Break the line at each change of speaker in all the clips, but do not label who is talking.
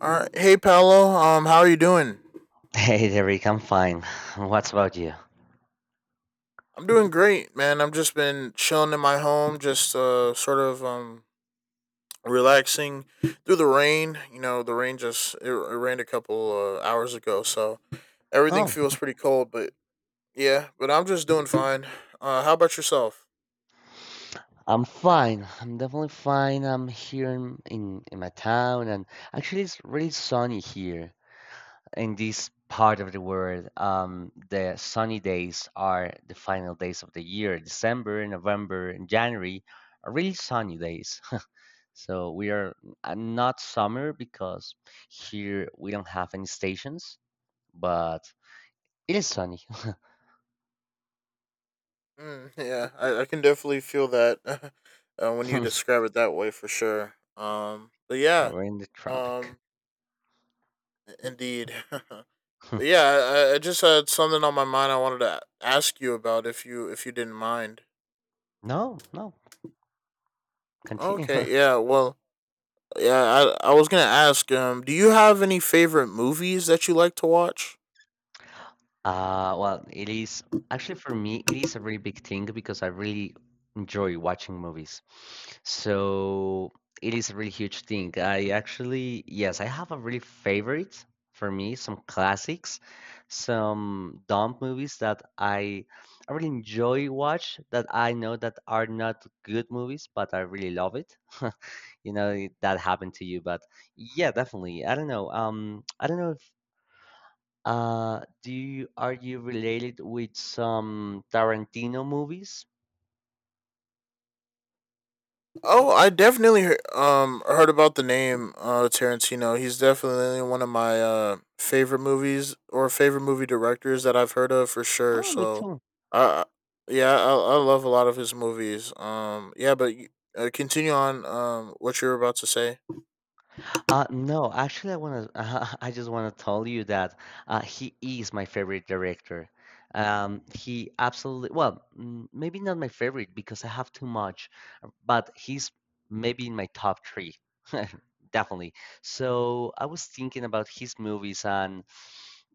All right. Hey, Paolo. How are you doing?
Hey, Derek, I'm fine. What's about you?
I'm doing great, man. I've just been chilling in my home, just relaxing through the rain. You know, the rain just it rained a couple hours ago, so everything
Oh,
feels pretty cold. But yeah, but I'm just doing fine. How about yourself?
I'm fine. I'm definitely fine. I'm here in my town, and actually, it's really sunny here in this part of the world. The sunny days are the final days of the year. December, November, and January are really sunny days. So we are not summer because here we don't have any stations, but it is sunny.
Mm, yeah, I can definitely feel that when you describe it that way, for sure.
We're in the tropic.
Um, Indeed. But yeah, I just had something on my mind. I wanted to ask you about if you didn't mind.
No, no, continue.
Okay, yeah. Well, yeah. I was gonna ask. Do you have any favorite movies that you like to watch?
Well, it is actually for me, it is a really big thing because I really enjoy watching movies. So it is a really huge thing. I actually, yes, I have a really favorite for me, some classics, some dumb movies that I really enjoy watch that I know that are not good movies, but I really love it. You know, that happened to you, but yeah, definitely. I don't know. I don't know if. Are you related with some Tarantino movies?
Oh, I definitely heard about the name Tarantino. He's definitely one of my favorite movies or favorite movie directors that I've heard of for sure.
Oh, me
So,
too.
uh, yeah, I love a lot of his movies. Continue on what you were about to say.
No, actually, I wanna. I just wanna tell you that he is my favorite director. He absolutely. Well, maybe not my favorite because I have too much, but he's maybe in my top three, definitely. So I was thinking about his movies and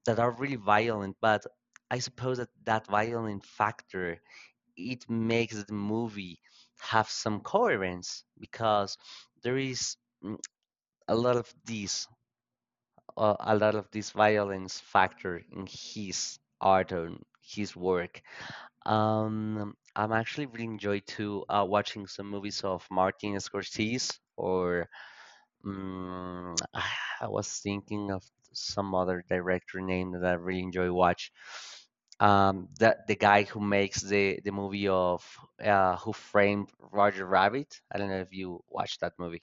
that are really violent, but I suppose that that violent factor it makes the movie have some coherence because there is mm, a lot of this violence factor in his art and his work. I'm actually really enjoy too, watching some movies of Martin Scorsese, or Mm, I was thinking of some other director name that I really enjoy watch. That the guy who makes the movie of Who Framed Roger Rabbit. I don't know if you watched that movie.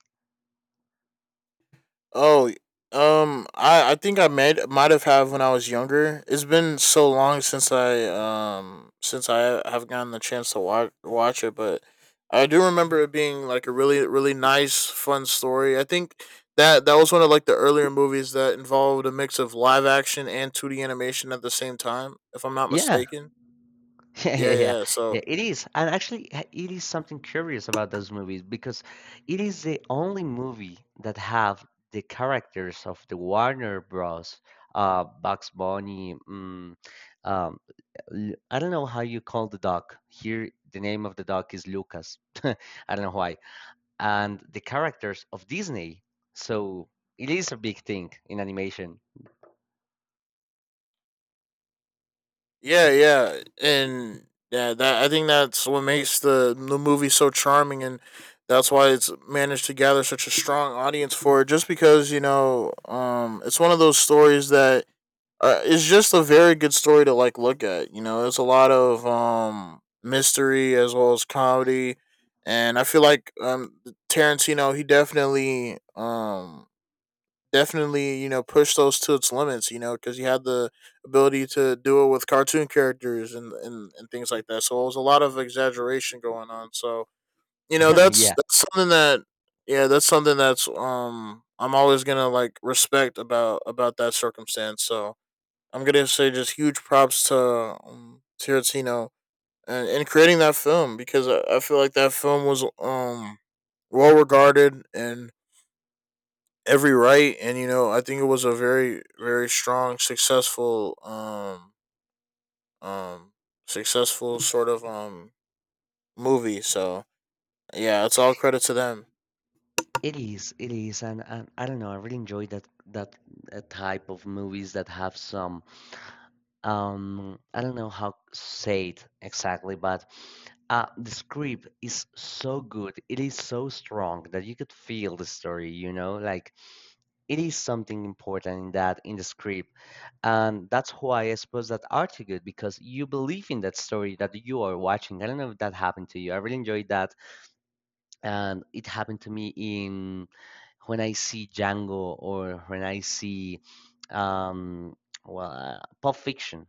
Oh, I think I might have had when I was younger. It's been so long since I have gotten the chance to watch it, but I do remember it being like a really nice fun story. I think that that was one of like the earlier movies that involved a mix of live action and two D animation at the same time, if I'm not
Yeah,
mistaken.
Yeah, yeah,
Yeah,
yeah.
yeah.
Yeah,
So
it is. And actually, it is something curious about those movies because it is the only movie that have the characters of the Warner Bros. Bugs Bunny. Um, I don't know how you call the dog. Here, the name of the dog is Lucas. I don't know why. And the characters of Disney. So it is a big thing in animation.
yeah, yeah, and yeah, that I think that's what makes the movie so charming, and that's why it's managed to gather such a strong audience for it. Just because you know, it's one of those stories that is just a very good story to like look at. You know, it's a lot of mystery as well as comedy, and I feel like Tarantino he definitely you know push those to its limits you know because you had the ability to do it with cartoon characters and things like that, so it was a lot of exaggeration going on. So you know
Yeah.
that's something that yeah that's something that's I'm always gonna like respect about that circumstance. So I'm gonna say just huge props to Tarantino and creating that film because I feel like that film was well regarded and every right, and you know I think it was a very strong successful um successful sort of movie. So yeah, it's all credit to them.
It is, and I don't know. I really enjoy that type of movies that have some I don't know how to say it exactly, but the script is so good. It is so strong that you could feel the story. You know, like it is something important in the script, and that's why I suppose that art is good because you believe in that story that you are watching. I don't know if that happened to you. I really enjoyed that, and it happened to me in when I see Django, or when I see um well, Pulp Fiction.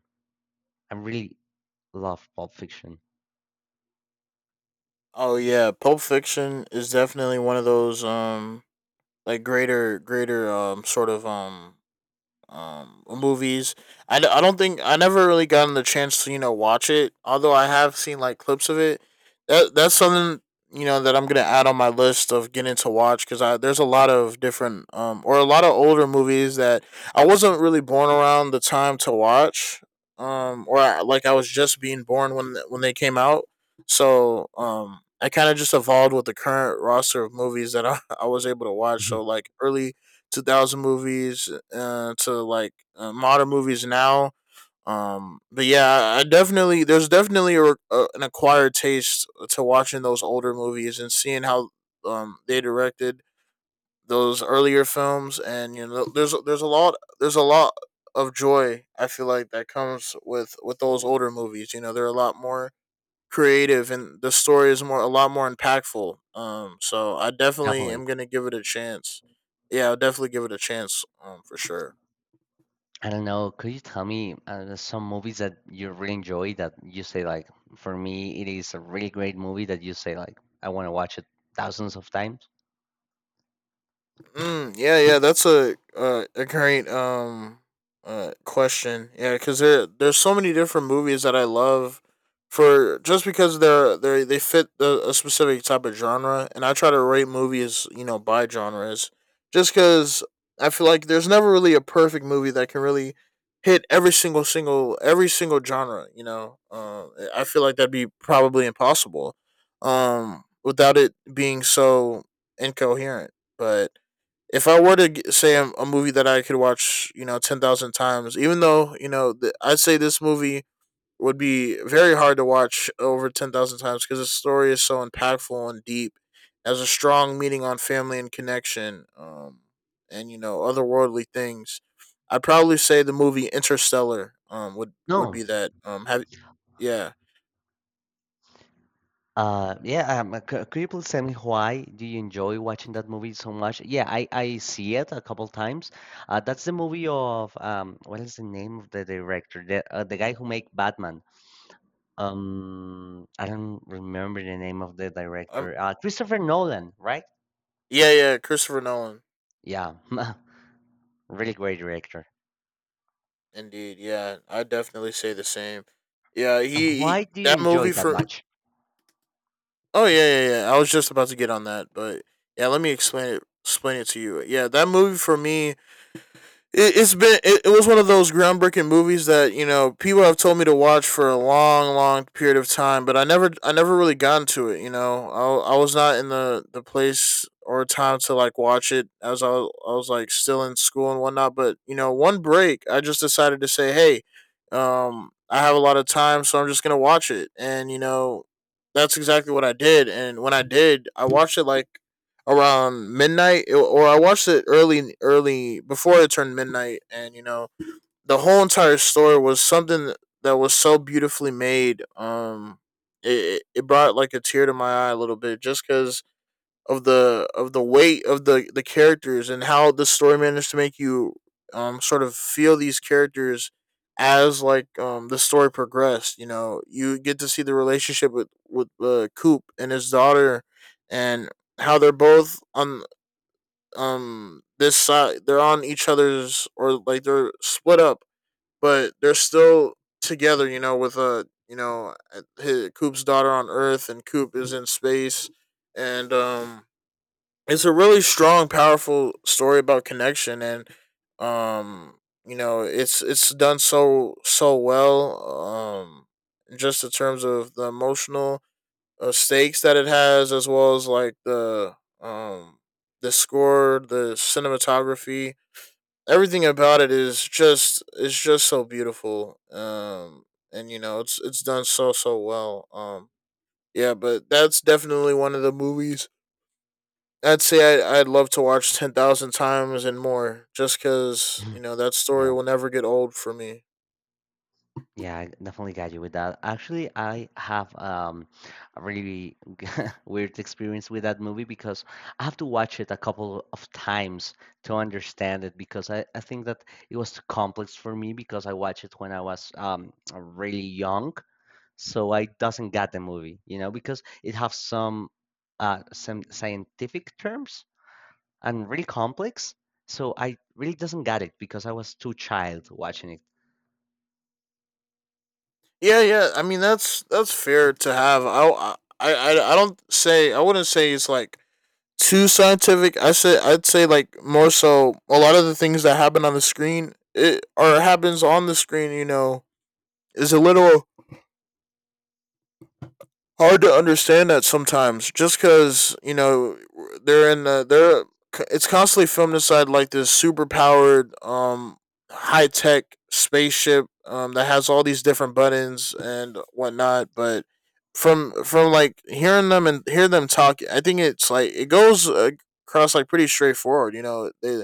I really love Pulp Fiction.
Oh yeah, pulp fiction is definitely one of those greater movies. I don't think I never really gotten the chance to you know watch it. Although I have seen like clips of it. That that's something you know that I'm gonna add on my list of getting to watch because I there's a lot of different or a lot of older movies that I wasn't really born around the time to watch. Like I was just being born when when they came out. So I kind of just evolved with the current roster of movies that I was able to watch. So like early 2000 movies to like modern movies now. But yeah, I definitely there's definitely an acquired taste to watching those older movies and seeing how they directed those earlier films, and you know there's a lot of joy I feel like that comes with those older movies. You know, they're a lot more creative and the story is more a lot more impactful. So I definitely
Definitely.
am gonna give it a chance. Yeah, I'll definitely give it a chance. For sure.
I don't know. Could you tell me some movies that you really enjoy that you say like, for me, it is a really great movie that you say like, I want to watch it thousands of times?
Mm, yeah, yeah, that's a great question. Yeah, because there there's so many different movies that I love for just because they fit a specific type of genre, and I try to rate movies you know by genres, just because I feel like there's never really a perfect movie that can really hit every single genre. You know, I feel like that'd be probably impossible, without it being so incoherent, but if I were to say a movie that I could watch, you know, 10,000 times, even though, you know, I'd say this movie would be very hard to watch over 10,000 times because the story is so impactful and deep. It has a strong meaning on family and connection, and, you know, otherworldly things. I'd probably say the movie Interstellar would be
No,
that. Yeah.
Yeah, could you please tell me why do you enjoy watching that movie so much? Yeah, I see it a couple times. That's the movie of, what is the name of the director? The guy who made Batman. I don't remember the name of the
Um,
director. Christopher Nolan, right?
yeah, yeah, Christopher Nolan.
Yeah, really great director.
Indeed, yeah. I'd definitely say the same. Yeah,
And
he
why do you
that
enjoy
movie
that
for
much?
Oh yeah, yeah, yeah. I was just about to get on that, but yeah, let me explain it to you. Yeah, that movie for me it, it's been it, it was one of those groundbreaking movies that you know people have told me to watch for a long period of time, but I never really got into it. You know I was not in the place or time to like watch it, as I was like still in school and whatnot, but you know one break I just decided to say hey, I have a lot of time, so I'm just gonna watch it. And you know that's exactly what I did, and when I did I watched it like around midnight, or I watched it early before it turned midnight, and you know the whole entire story was something that was so beautifully made. It it brought like a tear to my eye a little bit just because of the weight of the characters and how the story managed to make you sort of feel these characters as like the story progressed. You know, you get to see the relationship with coop and his daughter, and how they're both on this side, they're on each other's, or like they're split up but they're still together. You know, with a you know hi coop's daughter on earth and coop is in space, and it's a really strong powerful story about connection and um you know it's done so well. Just in terms of the emotional stakes that it has, as well as like the score, the cinematography, everything about it is just it's just so beautiful. And you know it's done so well. Yeah, but that's definitely one of the movies. I'd say I'd love to watch 10,000 times and more, just because you know that story
Yeah.
will never get old for me.
Yeah, I definitely got you with that. Actually, I have a really weird experience with that movie because I have to watch it a couple of times to understand it because I think that it was too complex for me because I watched it when I was really young, so I doesn't get the movie, you know, because it has some some scientific terms and really complex, so I really doesn't get it because I was too child watching it.
Yeah, yeah. I mean that's fair to have. I don't say I wouldn't say it's like too scientific. I'd say like more so a lot of the things that happens on the screen, you know, is a little hard to understand that sometimes just because you know they're in the they're it's constantly filmed inside like this super powered high tech spaceship that has all these different buttons and whatnot, but from like hearing them and hear them talk I think it's like it goes across like pretty straightforward. You know,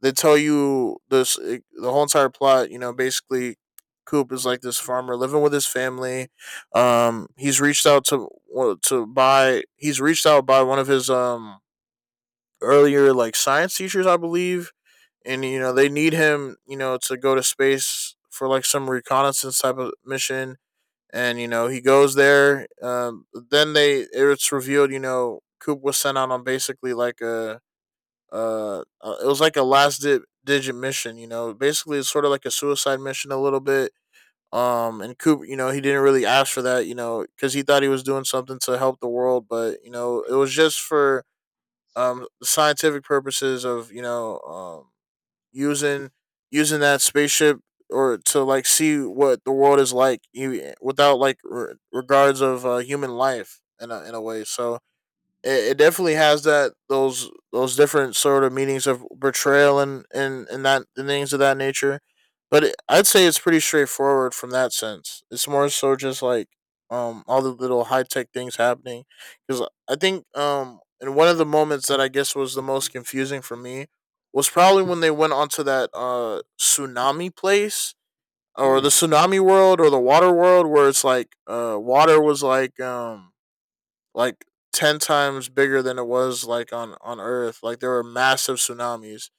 they tell you this the whole entire plot. You know, basically, Coop is like this farmer living with his family. He's reached out to buy. He's reached out by one of his earlier like science teachers, I believe, and you know they need him. You know, to go to space for like some reconnaissance type of mission. And you know he goes there. Then they it's revealed. You know, Coop was sent out on basically like a it was like a digit mission. You know, basically it's sort of like a suicide mission a little bit. And Cooper, you know, he didn't really ask for that, you know, because he thought he was doing something to help the world, but you know, it was just for scientific purposes of you know using using that spaceship or to like see what the world is like you without like regards of human life in a way. So it definitely has that those different sort of meanings of betrayal and that and things of that nature. But I'd say it's pretty straightforward from that sense. It's more so just like all the little high tech things happening because I think and one of the moments that I guess was the most confusing for me was probably when they went onto that tsunami place, or the
Mm,
tsunami world, or the water world, where it's like water was like 10 times bigger than it was like on earth. Like there were massive tsunamis.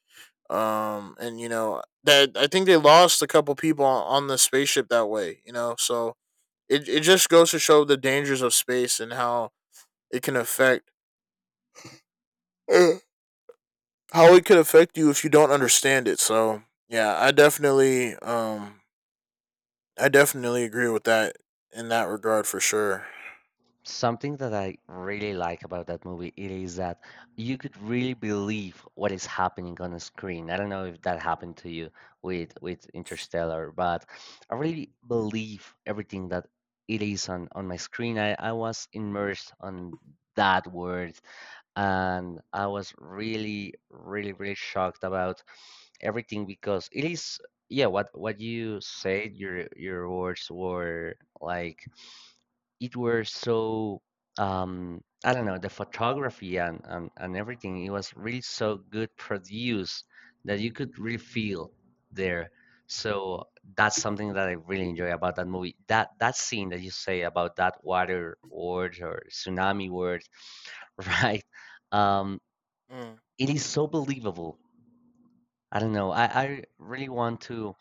And that I think they lost a couple people on the spaceship that way, so it just goes to show the dangers of space and how it can affect how it could affect you if you don't understand it. So yeah, I definitely I definitely agree with that, in that regard for sure.
Something that I really like about that movie it is that you could really believe what is happening on the screen. I don't know if that happened to you with Interstellar, but I really believe everything that it is on my screen. I was immersed on that world, and I was really, really, really shocked about everything because it is, yeah, what you said, your words were like it were so I don't know, the photography, and, and everything, it was really so good produced that you could really feel there, so that's something that I really enjoy about that movie, that that scene that you say about that water word or tsunami word. Right. um
Mm,
it is so believable. I don't know. I really want to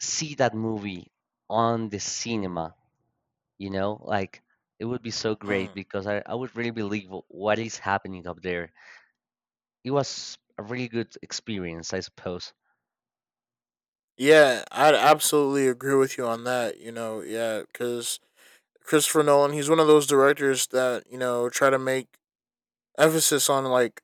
see that movie on the cinema, you know, like it would be so great
mm.
because I would really believe what is happening up there. It was a really good experience, I suppose.
Yeah, I absolutely agree with you on that, yeah, because Christopher Nolan, he's one of those directors that try to make emphasis on, like,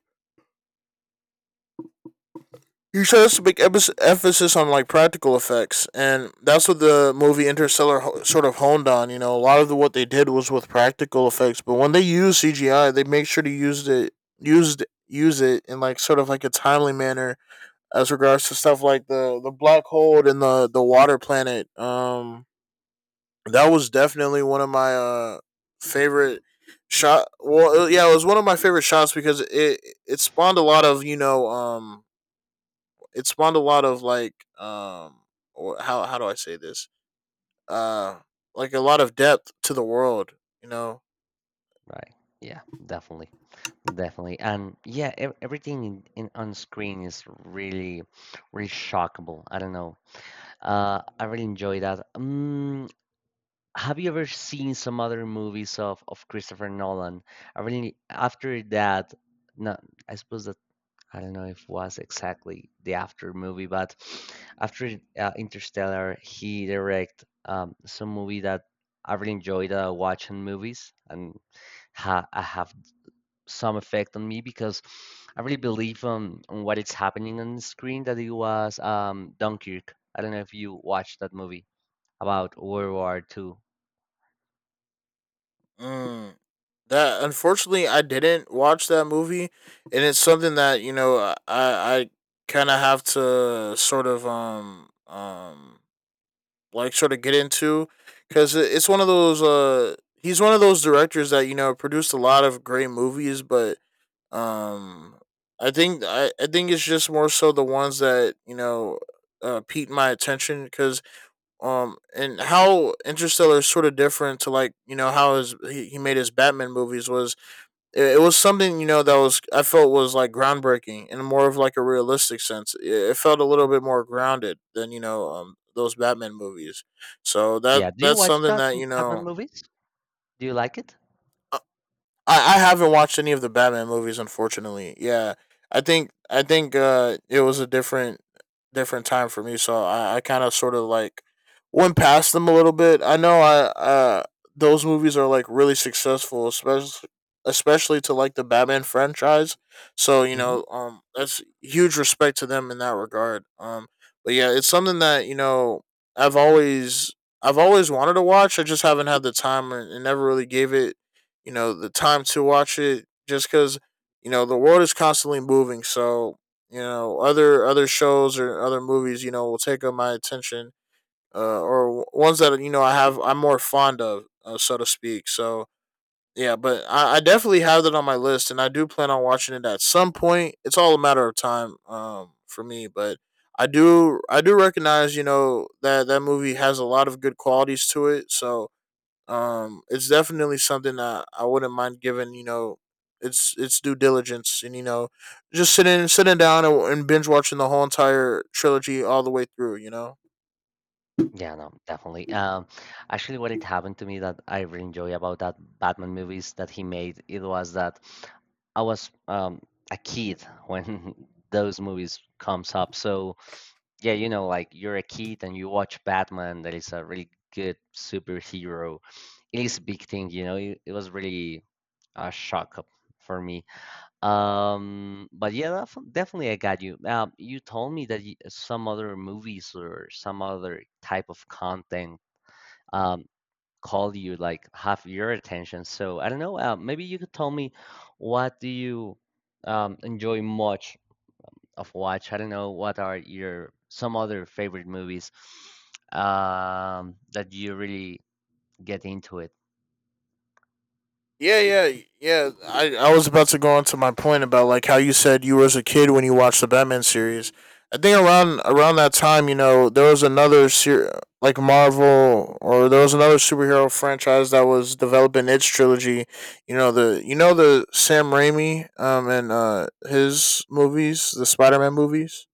he tries to make emphasis- on, like, practical effects, and that's what the movie Interstellar ho- sort of honed on. You know, a lot of the, what they did was with practical effects, but when they use CGI, they make sure to use it use it in like sort of like a timely manner, as regards to stuff like the black hole and the water planet. That was definitely one of my favorite shot. Well, yeah, it was one of my favorite shots because it spawned a lot of, it spawned a lot of like, or how do I say this, uh like a lot of depth to the world, you know.
Right. Yeah, definitely, definitely. And yeah, everything in on screen is really really shockable. I don't know. I really enjoy that. Have you ever seen some other movies of Christopher Nolan? I really after that. No, I suppose that I don't know if it was exactly the after movie, but after Interstellar, he direct some movie that I really enjoyed, watching movies, and I have some effect on me because I really believe on what is happening on the screen, that it was Dunkirk. I don't know if you watched that movie about World War II.
Mm, that unfortunately I didn't watch that movie, and it's something that, I kind of have to sort of like sort of get into, because it's one of those. He's one of those directors that, produced a lot of great movies, but um, I think it's just more so the ones that, piqued my attention because, and how Interstellar is sort of different to, like, you know, how his he made his Batman movies. Was it was something, you know, that was I felt was like groundbreaking, in more of like a realistic sense. It felt a little bit more grounded than, those Batman movies. So that
Yeah, do you
that's
watch
something that,
Batman movies? Do you like it?
I haven't watched any of the Batman movies, unfortunately. Yeah, I think it was a different different time for me, so I kind of sort of like went past them a little bit. I know I those movies are like really successful, especially especially to like the Batman franchise. So you
Mhm.
know, that's huge respect to them in that regard. But yeah, it's something that, you know, I've always I've always wanted to watch. I just haven't had the time, and never really gave it, you know, the time to watch it, just because, you know, the world is constantly moving, so, you know, other other shows or other movies, you know, will take up my attention, or ones that, you know, I'm more fond of, so to speak. So yeah, but I definitely have that on my list, and I do plan on watching it at some point. It's all a matter of time, for me, but I do recognize, you know, that that movie has a lot of good qualities to it. So it's definitely something that I wouldn't mind giving, you know, it's due diligence, and, you know, just sitting down and binge watching the whole entire trilogy all the way through, you know.
Yeah, no, definitely. Actually, what it happened to me that I really enjoy about that Batman movies that he made, it was that I was a kid when those movies comes up. So yeah, you know, like you're a kid and you watch Batman, that is a really good superhero. It is a big thing, you know. It was really a shock up for me. But yeah, definitely I got you. You told me that y some other movies or some other type of content um called you like half your attention. So I don't know, maybe you could tell me what do you enjoy much of watch? I don't know what are your some other favorite movies that you really get into it.
Yeah, yeah, yeah. I was about to go on to my point about like how you said you were as a kid when you watched the Batman series. I think around that time, you know, there was another ser- like Marvel, or there was another superhero franchise that was developing its trilogy. You know, the you know the Sam Raimi and his movies, the Spider Man movies.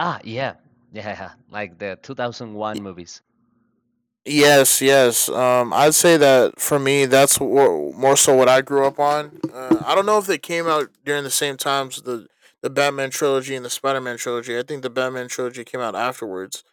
Ah, yeah. Yeah, like the 2001 movies.
Yes, yes. I'd say that for me, that's wh- more so what I grew up on. I don't know if they came out during the same times, the Batman trilogy and the Spider Man trilogy. I think the Batman trilogy came out afterwards.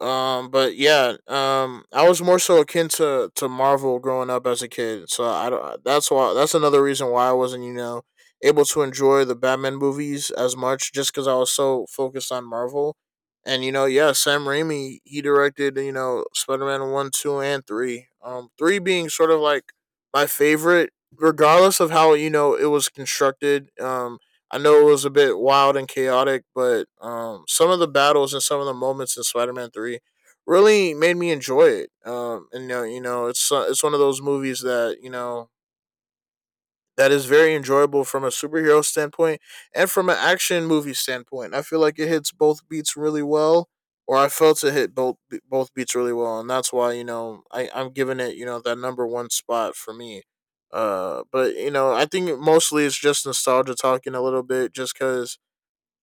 But yeah, I was more so akin to Marvel growing up as a kid, so I don't. Uh, that's why. That's another reason why I wasn't, you know, able to enjoy the Batman movies as much, just because I was so focused on Marvel. And you know, yeah, Sam Raimi, he directed, you know, Spider Man one, two, and three. Three being sort of like my favorite, regardless of how, you know, it was constructed. I know it was a bit wild and chaotic, but some of the battles and some of the moments in Spider-Man Three really made me enjoy it. And you know, it's one of those movies that, you know, that is very enjoyable from a superhero standpoint, and from an action movie standpoint. I feel like it hits both beats really well, or I felt it hit both beats really well, and that's why, you know, I'm giving it, you know, that number one spot for me. But you know, I think mostly it's just nostalgia talking a little bit, just because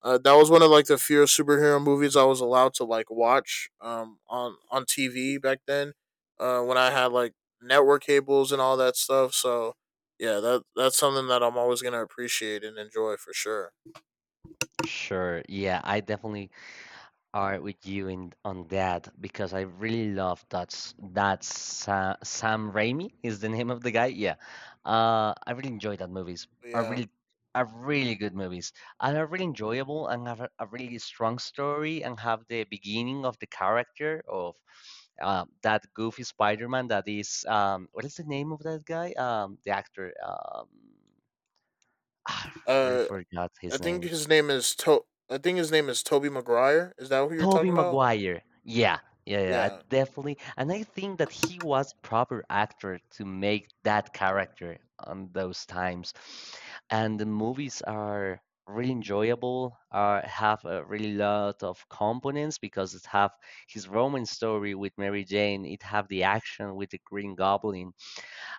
that was one of like the few superhero movies I was allowed to like watch on TV back then, when I had like network cables and all that stuff. So yeah, that that's something that I'm always gonna appreciate and enjoy for sure.
Sure. Yeah, I definitely are with you in on that because I really love that s- that Sa Sam Raimi is the name of the guy. Yeah, I really enjoy that movies.
But
Are
yeah,
really are really good movies, and are really enjoyable, and have a really strong story, and have the beginning of the character of that goofy Spider-Man that is, what is the name of that guy? The actor. I really
uh,
forgot
I
his
think
name.
his name is to- I think his name is Toby Maguire. Is that who you're
Toby
talking about?
Maguire. Yeah, yeah, yeah, I
Yeah,
definitely. And I think that he was proper actor to make that character on those times. And the movies are really enjoyable. Have a really lot of components because it have his romance story with Mary Jane. It have the action with the Green Goblin,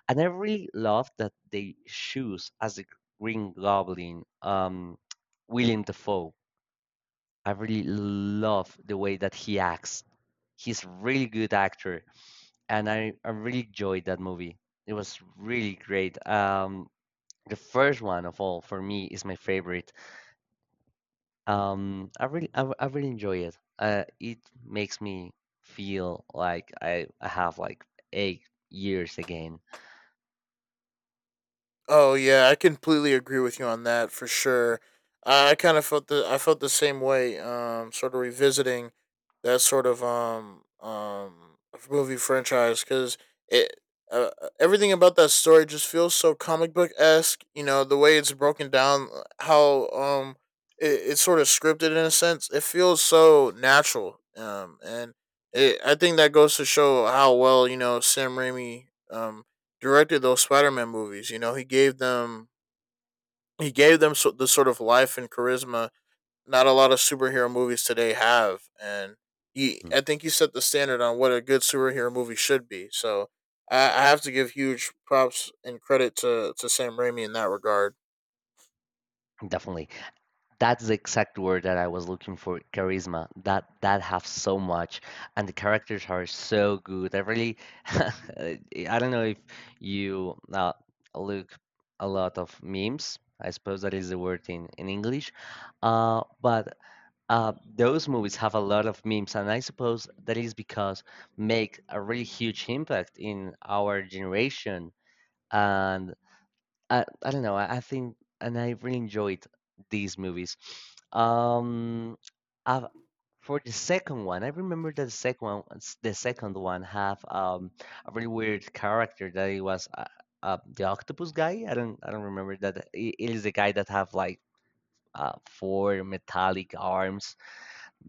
and I really love that they choose as the Green Goblin, William Dafoe. I really love the way that he acts. He's a really good actor, and I really enjoyed that movie. It was really great. The first one of all for me is my favorite. I really enjoy it. It makes me feel like I have like 8 years again.
oh yeah, I completely agree with you on that for sure. I kind of felt the I felt the same way. Sort of revisiting that sort of movie franchise, because it everything about that story just feels so comic book esque. You know the way it's broken down, how it's sort of scripted in a sense. It feels so natural. And it, I think that goes to show how well, you know, Sam Raimi directed those Spider-Man movies. You know, he gave them so, the sort of life and charisma not a lot of superhero movies today have, and he
Mm,
I think he set the standard on what a good superhero movie should be. So I have to give huge props and credit to Sam Raimi in that regard.
definitely. That's the exact word that I was looking for, charisma. That have so much, and the characters are so good. I really, I don't know if you look a lot of memes. I suppose that is the word in English, but those movies have a lot of memes, and I suppose that is because make a really huge impact in our generation. And I don't know. I think, and I really enjoyed these movies. Um, I for the second one, I remember that the second one, have a really weird character that it was the octopus guy. I don't remember that. It is the guy that have like four metallic arms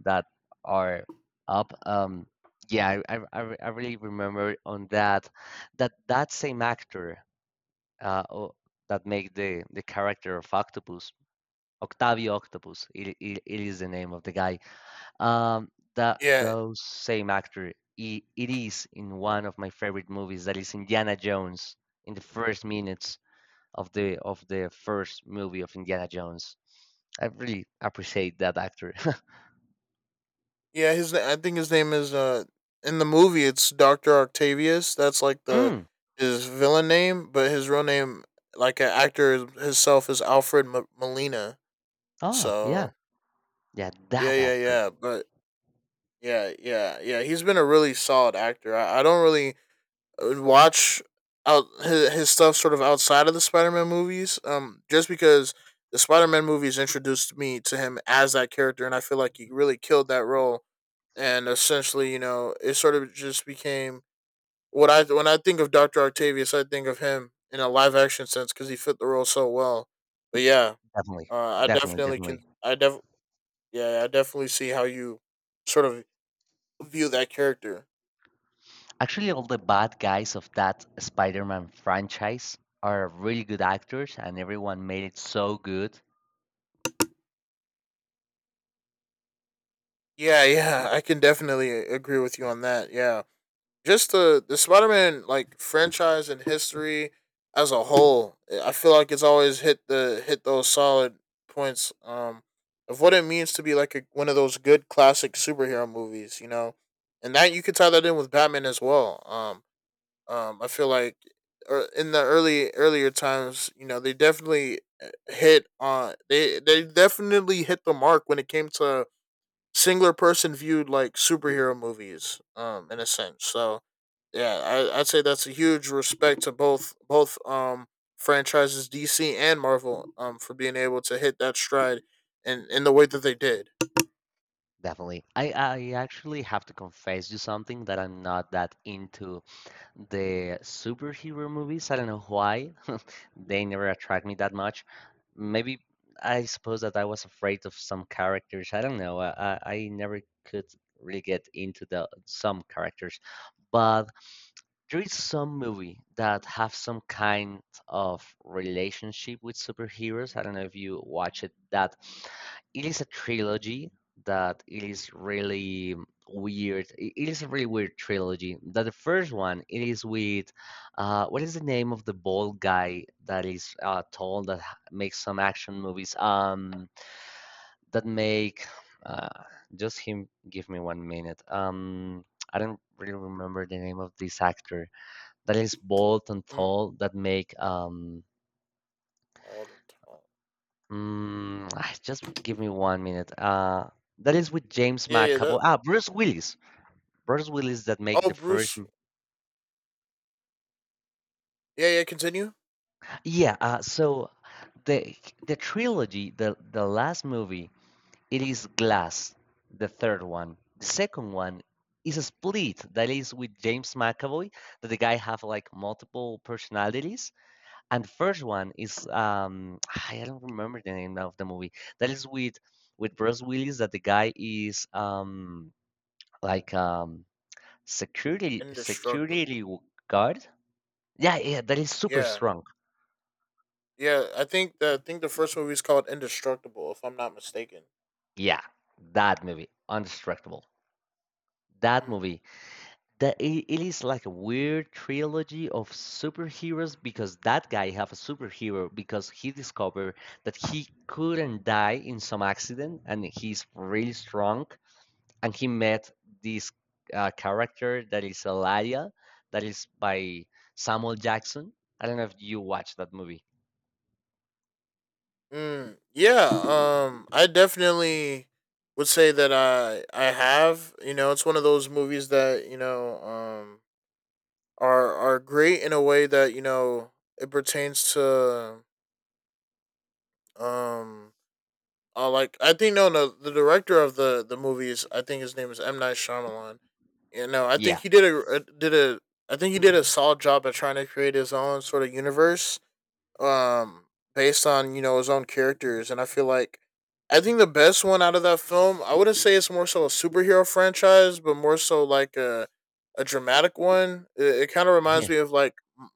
that are up. Yeah, I really remember on that that same actor, uh, o- that make the character of Octopus, Octavio Octopus. It is the name of the guy. Um, that
Yeah,
those same actor. It is in one of my favorite movies. That is Indiana Jones. In the first minutes of the first movie of Indiana Jones, I really appreciate that actor.
yeah. His I think his name is in the movie it's Doctor Octavius. That's like the
mm,
his villain name, but his real name, like an actor himself, is Alfred M- Molina.
oh yeah,
So
yeah,
yeah,
that
yeah,
actor
yeah. But yeah, yeah, yeah. He's been a really solid actor. I don't really watch out his stuff sort of outside of the Spider-Man movies. Just because the Spider-Man movies introduced me to him as that character, and I feel like he really killed that role. And essentially, you know, it sort of just became what I when I think of Doctor Octavius, I think of him in a live action sense, because he fit the role so well. But yeah,
definitely,
I
definitely,
definitely can.
definitely.
I def yeah, I definitely see how you sort of view that character.
Actually, all the bad guys of that Spider Man franchise are really good actors, and everyone made it so good.
Yeah, yeah, I can definitely agree with you on that. Yeah, just the Spider Man like franchise and history as a whole, I feel like it's always hit the hit those solid points of what it means to be like a, one of those good classic superhero movies, you know, and that you could tie that in with Batman as well. I feel like in the early earlier times, you know, they definitely hit on they definitely hit the mark when it came to singular person viewed like superhero movies in a sense. So yeah, I'd say that's a huge respect to both franchises DC and Marvel, for being able to hit that stride in the way that they did.
Definitely. I actually have to confess you something that I'm not that into the superhero movies. I don't know why. They never attract me that much. Maybe I suppose that I was afraid of some characters. I don't know. I never could really get into the some characters. But there is some movie that have some kind of relationship with superheroes. I don't know if you watch it. That it is a trilogy that it is really weird. It is a really weird trilogy. That the first one it is with what is the name of the bald guy that is tall that makes some action movies that make uh, just him. Give me one minute. I don't really remember the name of this actor that is bold and
Mm.
tall that make
Alden Tall.
mm, just give me one minute that is with James
Yeah, yeah,
McAvoy,
that
Bruce Willis. Bruce Willis that make
oh
the first
Bruce, yeah, yeah, continue.
yeah, so the the trilogy, the last movie, it is Glass, the third one. The second one is a Split, that is with James McAvoy, that the guy have like multiple personalities. And first one is I don't remember the name of the movie. That is with Bruce Willis, that the guy is like security
Indestructible.
security guard. Yeah, yeah, that is super
Yeah,
strong.
yeah, I think the first movie is called Indestructible, if I'm not mistaken.
Yeah, that movie, Undistractable. That
Mm.
movie. It is like a weird trilogy of superheroes because that guy have a superhero because he discovered that he couldn't die in some accident and he's really strong, and he met this character that is Eladia, that is by Samuel Jackson. I don't know if you watched that movie.
Mm, yeah, I definitely would say that I have. It's one of those movies that are great in a way that it pertains to um like I think no no the director of the movies. I think his name is M Night Shyamalan. I think
Yeah,
he did a did a I think he did a solid job at trying to create his own sort of universe um based on his own characters, and I feel like I think the best one out of that film, I wouldn't say it's more so a superhero franchise, but more so like a dramatic one. It kind of
yeah,
reminds me of like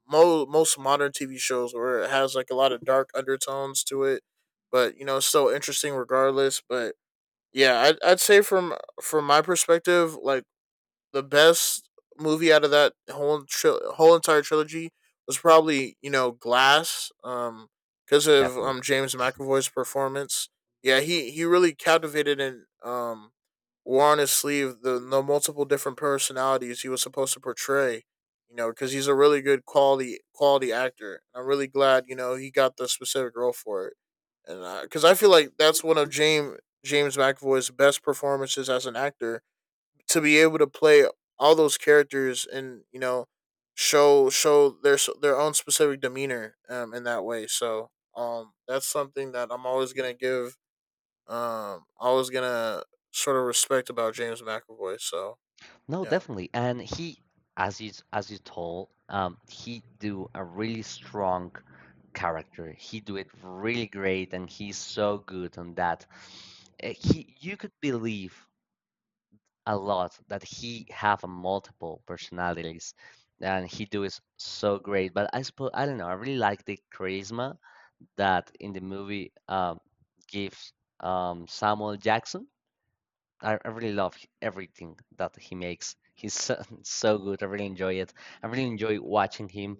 most modern TV shows where it has like a lot of dark undertones to it, but it's still interesting regardless. But yeah, I'd say from my perspective, like the best movie out of that whole whole entire trilogy was probably Glass, because of
definitely.
James McAvoy's performance. Yeah, he really captivated and wore on his sleeve the multiple different personalities he was supposed to portray. Because he's a really good quality actor. I'm really glad he got the specific role for it, and because I feel like that's one of James McAvoy's best performances as an actor, to be able to play all those characters and show their own specific demeanor in that way. So that's something that I'm always gonna give, always gonna sort of respect about James McAvoy. So
No,
yeah,
definitely. And he, as you told, he do a really strong character. He do it really great, and he's so good on that. He, you could believe a lot that he have multiple personalities, and he do is so great. But I suppose I don't know, I really like the charisma that in the movie gives Samuel Jackson. I really love everything that he makes. He's so, so good, I really enjoy it, I really enjoy watching him.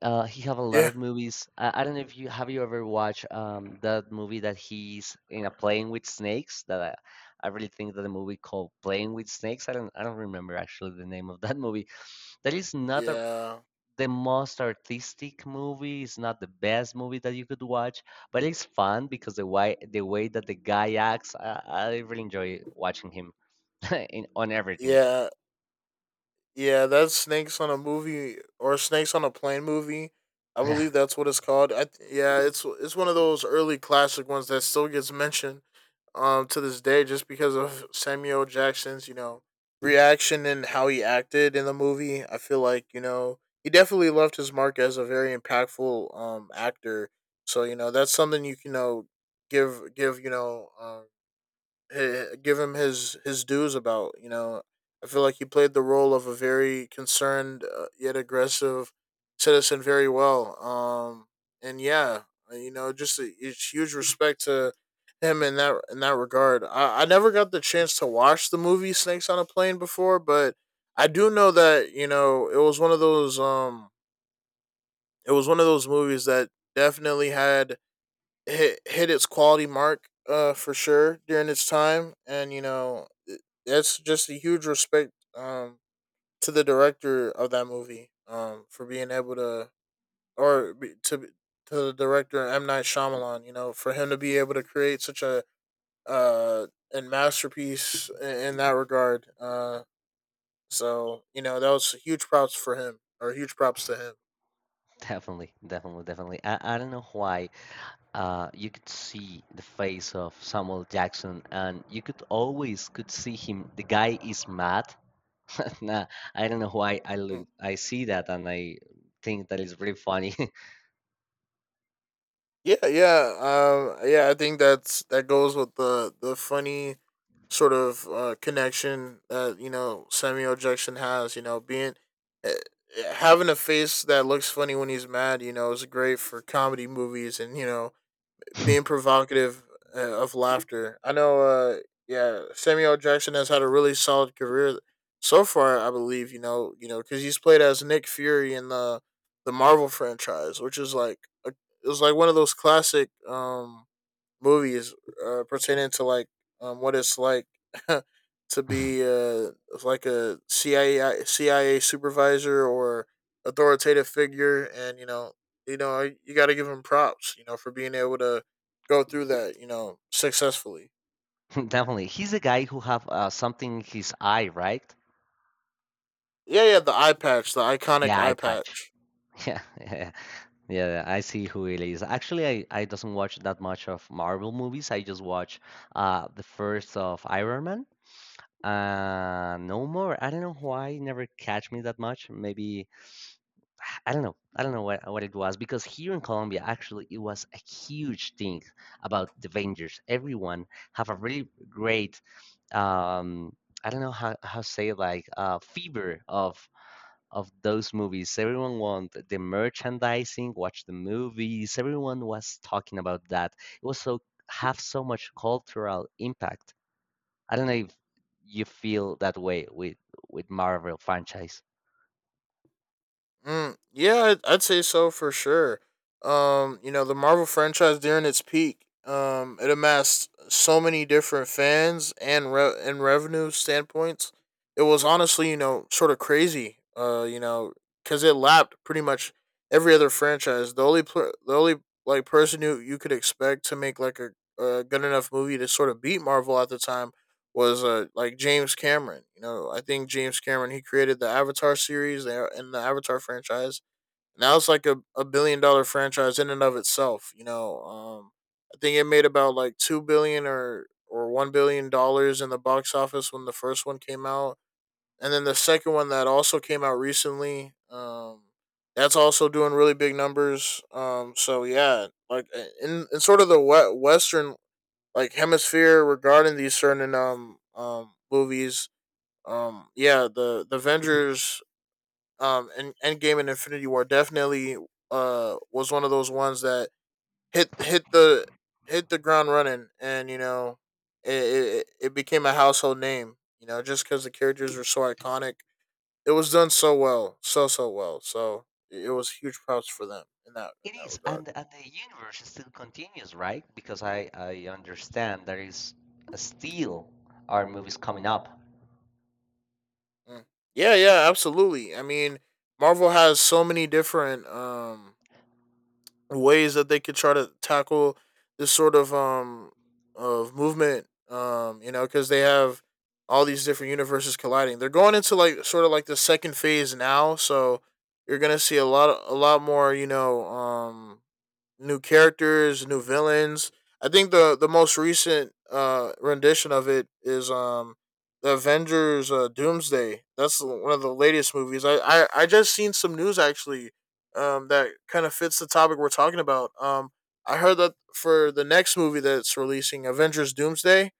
He have a lot
yeah,
of movies. I don't know if you have you ever watched that movie that he's in a playing with snakes. That I really think that the movie called Playing with Snakes. I don't remember actually the name of that movie. That is not a,
yeah,
the most artistic movie. It's not the best movie that you could watch, but it's fun because the way that the guy acts. I really enjoy watching him in on everything.
yeah, yeah. That's snakes on a movie or snakes on a plane movie. I believe that's what it's called. Yeah, it's one of those early classic ones that still gets mentioned to this day just because of Samuel Jackson's, reaction and how he acted in the movie. I feel like, he definitely left his mark as a very impactful actor. So, that's something you can, give give, you know, eh, give him his dues about. I feel like he played the role of a very concerned, yet aggressive citizen very well. And yeah, it's huge respect to him in that regard. I never got the chance to watch the movie Snakes on a Plane before, but I do know that it was one of those movies that definitely had hit its quality mark for sure during its time, and that's just a huge respect, to the director of that movie, for being able to, or be- to the director M Night Shyamalan, for him to be able to create such a, uh and masterpiece in that regard. So that was huge props for him, or huge props to him.
Definitely, definitely, definitely. I don't know why. You could see the face of Samuel Jackson, and you could always could see him. The guy is mad. Nah, I don't know why I look.
Mm.
I see that, and I think that is really funny.
Yeah, yeah, yeah. I think that goes with the funny sort of, connection that Samuel Jackson has. Being uh, having a face that looks funny when he's mad, is great for comedy movies, and being provocative, of laughter. I know. Yeah, Samuel Jackson has had a really solid career so far, I believe. Because he's played as Nick Fury in the Marvel franchise, which is, it was like one of those classic, movies pertaining to like, what it's like to be, like a CIA supervisor or authoritative figure, and you got to give him props, for being able to go through that, successfully.
Definitely, he's a guy who have something in his eye, right?
Yeah, yeah, the eye patch, the
The
iconic
eye
eye
patch.
patch.
Yeah, yeah, yeah. I see who it is. Actually, I doesn't watch that much of Marvel movies. I just watch the first of Iron Man. No more. I don't know why never catch me that much. Maybe I don't know. I don't know what it was because here in Colombia, actually, it was a huge thing about the Avengers. Everyone have a really great um, I don't know how to say it, like fever of those movies. Everyone want the merchandising, watch the movies. Everyone was talking about that. It was so have so much cultural impact. I don't know if you feel that way with Marvel franchise.
Mm, yeah, I'd say so for sure. The Marvel franchise during its peak, it amassed so many different fans and revenue standpoints. It was honestly, sort of crazy. Because it lapped pretty much every other franchise. The the only like person who you could expect to make like a good enough movie to sort of beat Marvel at the time was, like James Cameron. You know, I think James Cameron, he created the Avatar series, and the Avatar franchise. Now it's like a billion dollar franchise in and of itself. You know, I think it made about like 2 billion or $1 billion in the box office when the first one came out, and then the second one that also came out recently. That's also doing really big numbers. So yeah, like in sort of the western like hemisphere regarding these certain, movies. Yeah, the Avengers and Endgame and Infinity War definitely, was one of those ones that, hit hit the hit the ground running, and it it became a household name, just cuz the characters were so iconic. It was done so well, so well. So it was huge props for them in
It
that
is,
regard.
and the universe still continues, right? Because I understand there is still our movies coming up.
Mm. Yeah, yeah, absolutely. I mean, Marvel has so many different ways that they could try to tackle this sort of, movement, because they have all these different universes colliding. They're going into like sort of like the second phase now, so you're going to see a lot more, new characters, new villains. I think the most recent, rendition of it is, the Avengers, Doomsday. That's one of the latest movies. I just seen some news actually, that kind of fits the topic we're talking about. I heard that for the next movie that's releasing, Avengers Doomsday,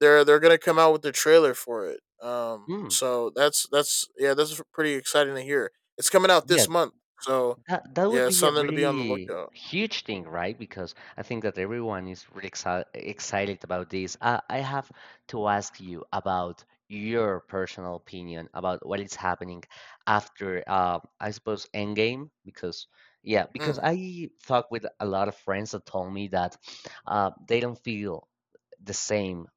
they're going to come out with the trailer for it.
Mm.
So that's, yeah, that's pretty exciting to hear. It's coming out this month. So
That that
yeah,
would
it's
be a
something to be on the
really
lookout.
huge thing, right? Because I think that everyone is really exci excited about this. I have to ask you about your personal opinion about what is happening after, I suppose, Endgame. Because yeah, because
Mm.
I talked with a lot of friends that told me that they don't feel the same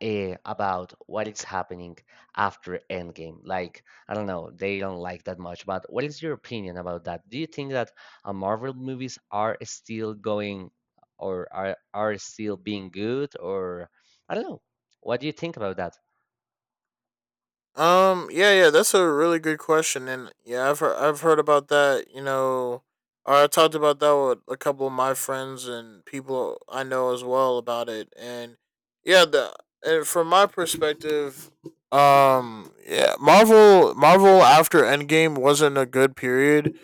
eh, about what is happening after Endgame. Like, I don't know, they don't like that much, but what is your opinion about that? Do you think that Marvel movies are still going or are still being good? Or I don't know. What do you think about that?
Yeah. Yeah. That's a really good question, and yeah, I've heard about that. You know, or I talked about that with a couple of my friends and people I know as well about it, and yeah, the and from my perspective, yeah, Marvel after Endgame wasn't a good period,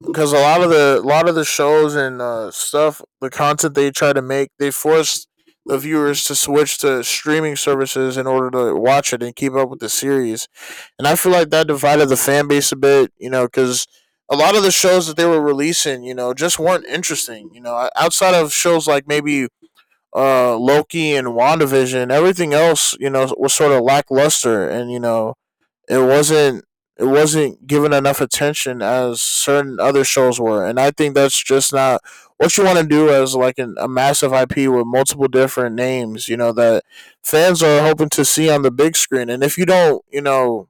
because a lot of the shows and, stuff, the content they try to make, they force the viewers to switch to streaming services in order to watch it and keep up with the series. And I feel like that divided the fan base a bit, because a lot of the shows that they were releasing, just weren't interesting. You know, outside of shows like maybe, Loki and WandaVision, everything else, was sort of lackluster. And, it wasn't it wasn't given enough attention as certain other shows were, and I think that's just not what you want to do as like a massive IP with multiple different names, you know, that fans are hoping to see on the big screen. And if you don't, you know,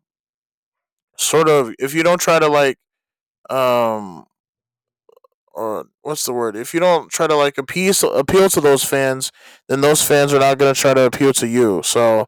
sort of, if you don't, try to like, um or what's the word? If you don't try to like appease appeal to those fans, then those fans are not going to try to appeal to you. So,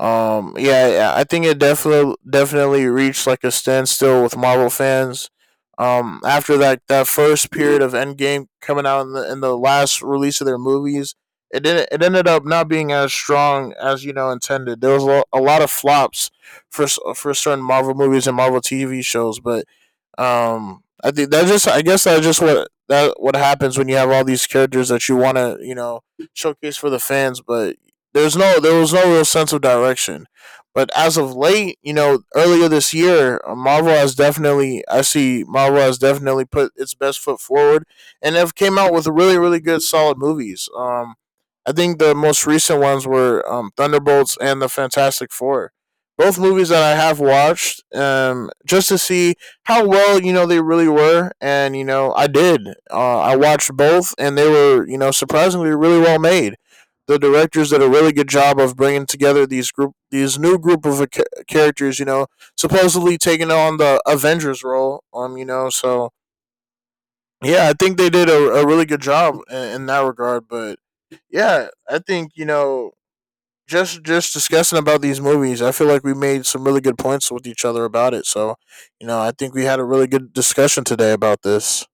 yeah, yeah, I think it definitely reached like a standstill with Marvel fans. After that first period of Endgame coming out, in the last release of their movies, it ended up not being as strong as intended. There was a lot of flops for, for certain Marvel movies and Marvel TV shows. But I think that just, I guess that's just what that what happens when you have all these characters that you want to, showcase for the fans, but there was no real sense of direction. But as of late, earlier this year, Marvel has definitely I see Marvel has definitely put its best foot forward and have came out with really good solid movies. I think the most recent ones were, Thunderbolts and the Fantastic Four, both movies that I have watched, just to see how well they really were, and I did. I watched both, and they were, surprisingly really well made. The directors did a really good job of bringing together these new group of, characters. You know, supposedly taking on the Avengers role. So yeah, I think they did a really good job in that regard. But yeah, I think, just discussing about these movies, I feel like we made some really good points with each other about it. So, I think we had a really good discussion today about this.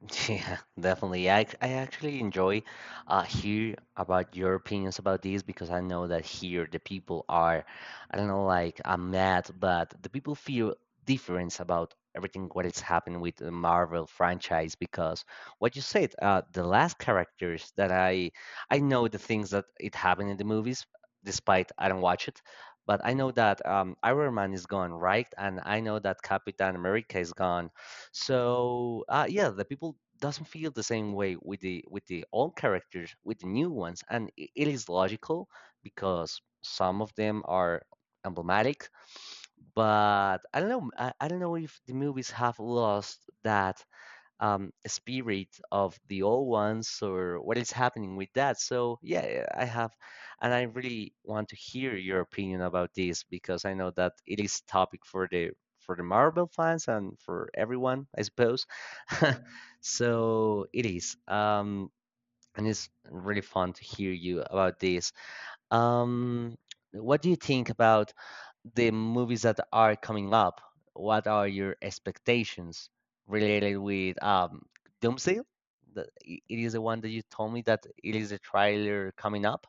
Yeah, definitely. Yeah, I, I actually enjoy hear about your opinions about this because I know that here the people are, I don't know, like I'm mad, but the people feel difference about everything what is happening with the Marvel franchise because what you said, the last characters that I know the things that it happened in the movies, despite I don't watch it, but I know that Iron Man is gone, right? And I know that Captain America is gone, so yeah, the people doesn't feel the same way with the old characters with the new ones, and it is logical because some of them are emblematic. But I don't know. I don't know if the movies have lost that spirit of the old ones or what is happening with that. So yeah, I have, and I really want to hear your opinion about this because I know that it is topic for the Marvel fans and for everyone, I suppose. So it is, and it's really fun to hear you about this. Um, what do you think about the movies that are coming up? What are your expectations related with Doomsday? It is the one that you told me that it is a trailer coming up.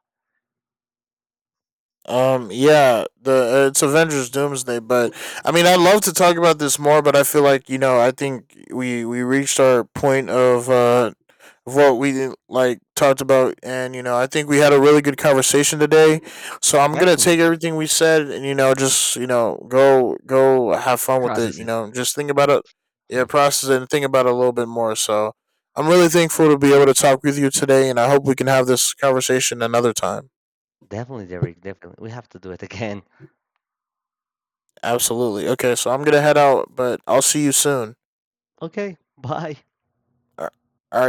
Yeah, the it's Avengers Doomsday. But I mean, I'd love to talk about this more, but I feel like, I think we reached our point of, what we like talked about, and I think we had a really good conversation today. So I'm gonna take
Definitely.
everything we said, and, just, go have fun with it.
Process it.
Just think about it.
Hmm.
Yeah, process it and think about it a little bit more. So I'm really thankful to be able to talk with you today, and I hope we can have this conversation another time.
Definitely, Derek. Definitely, we have to do it again.
Absolutely. Okay, so I'm gonna head out, but I'll see you soon.
Okay, bye.
All right.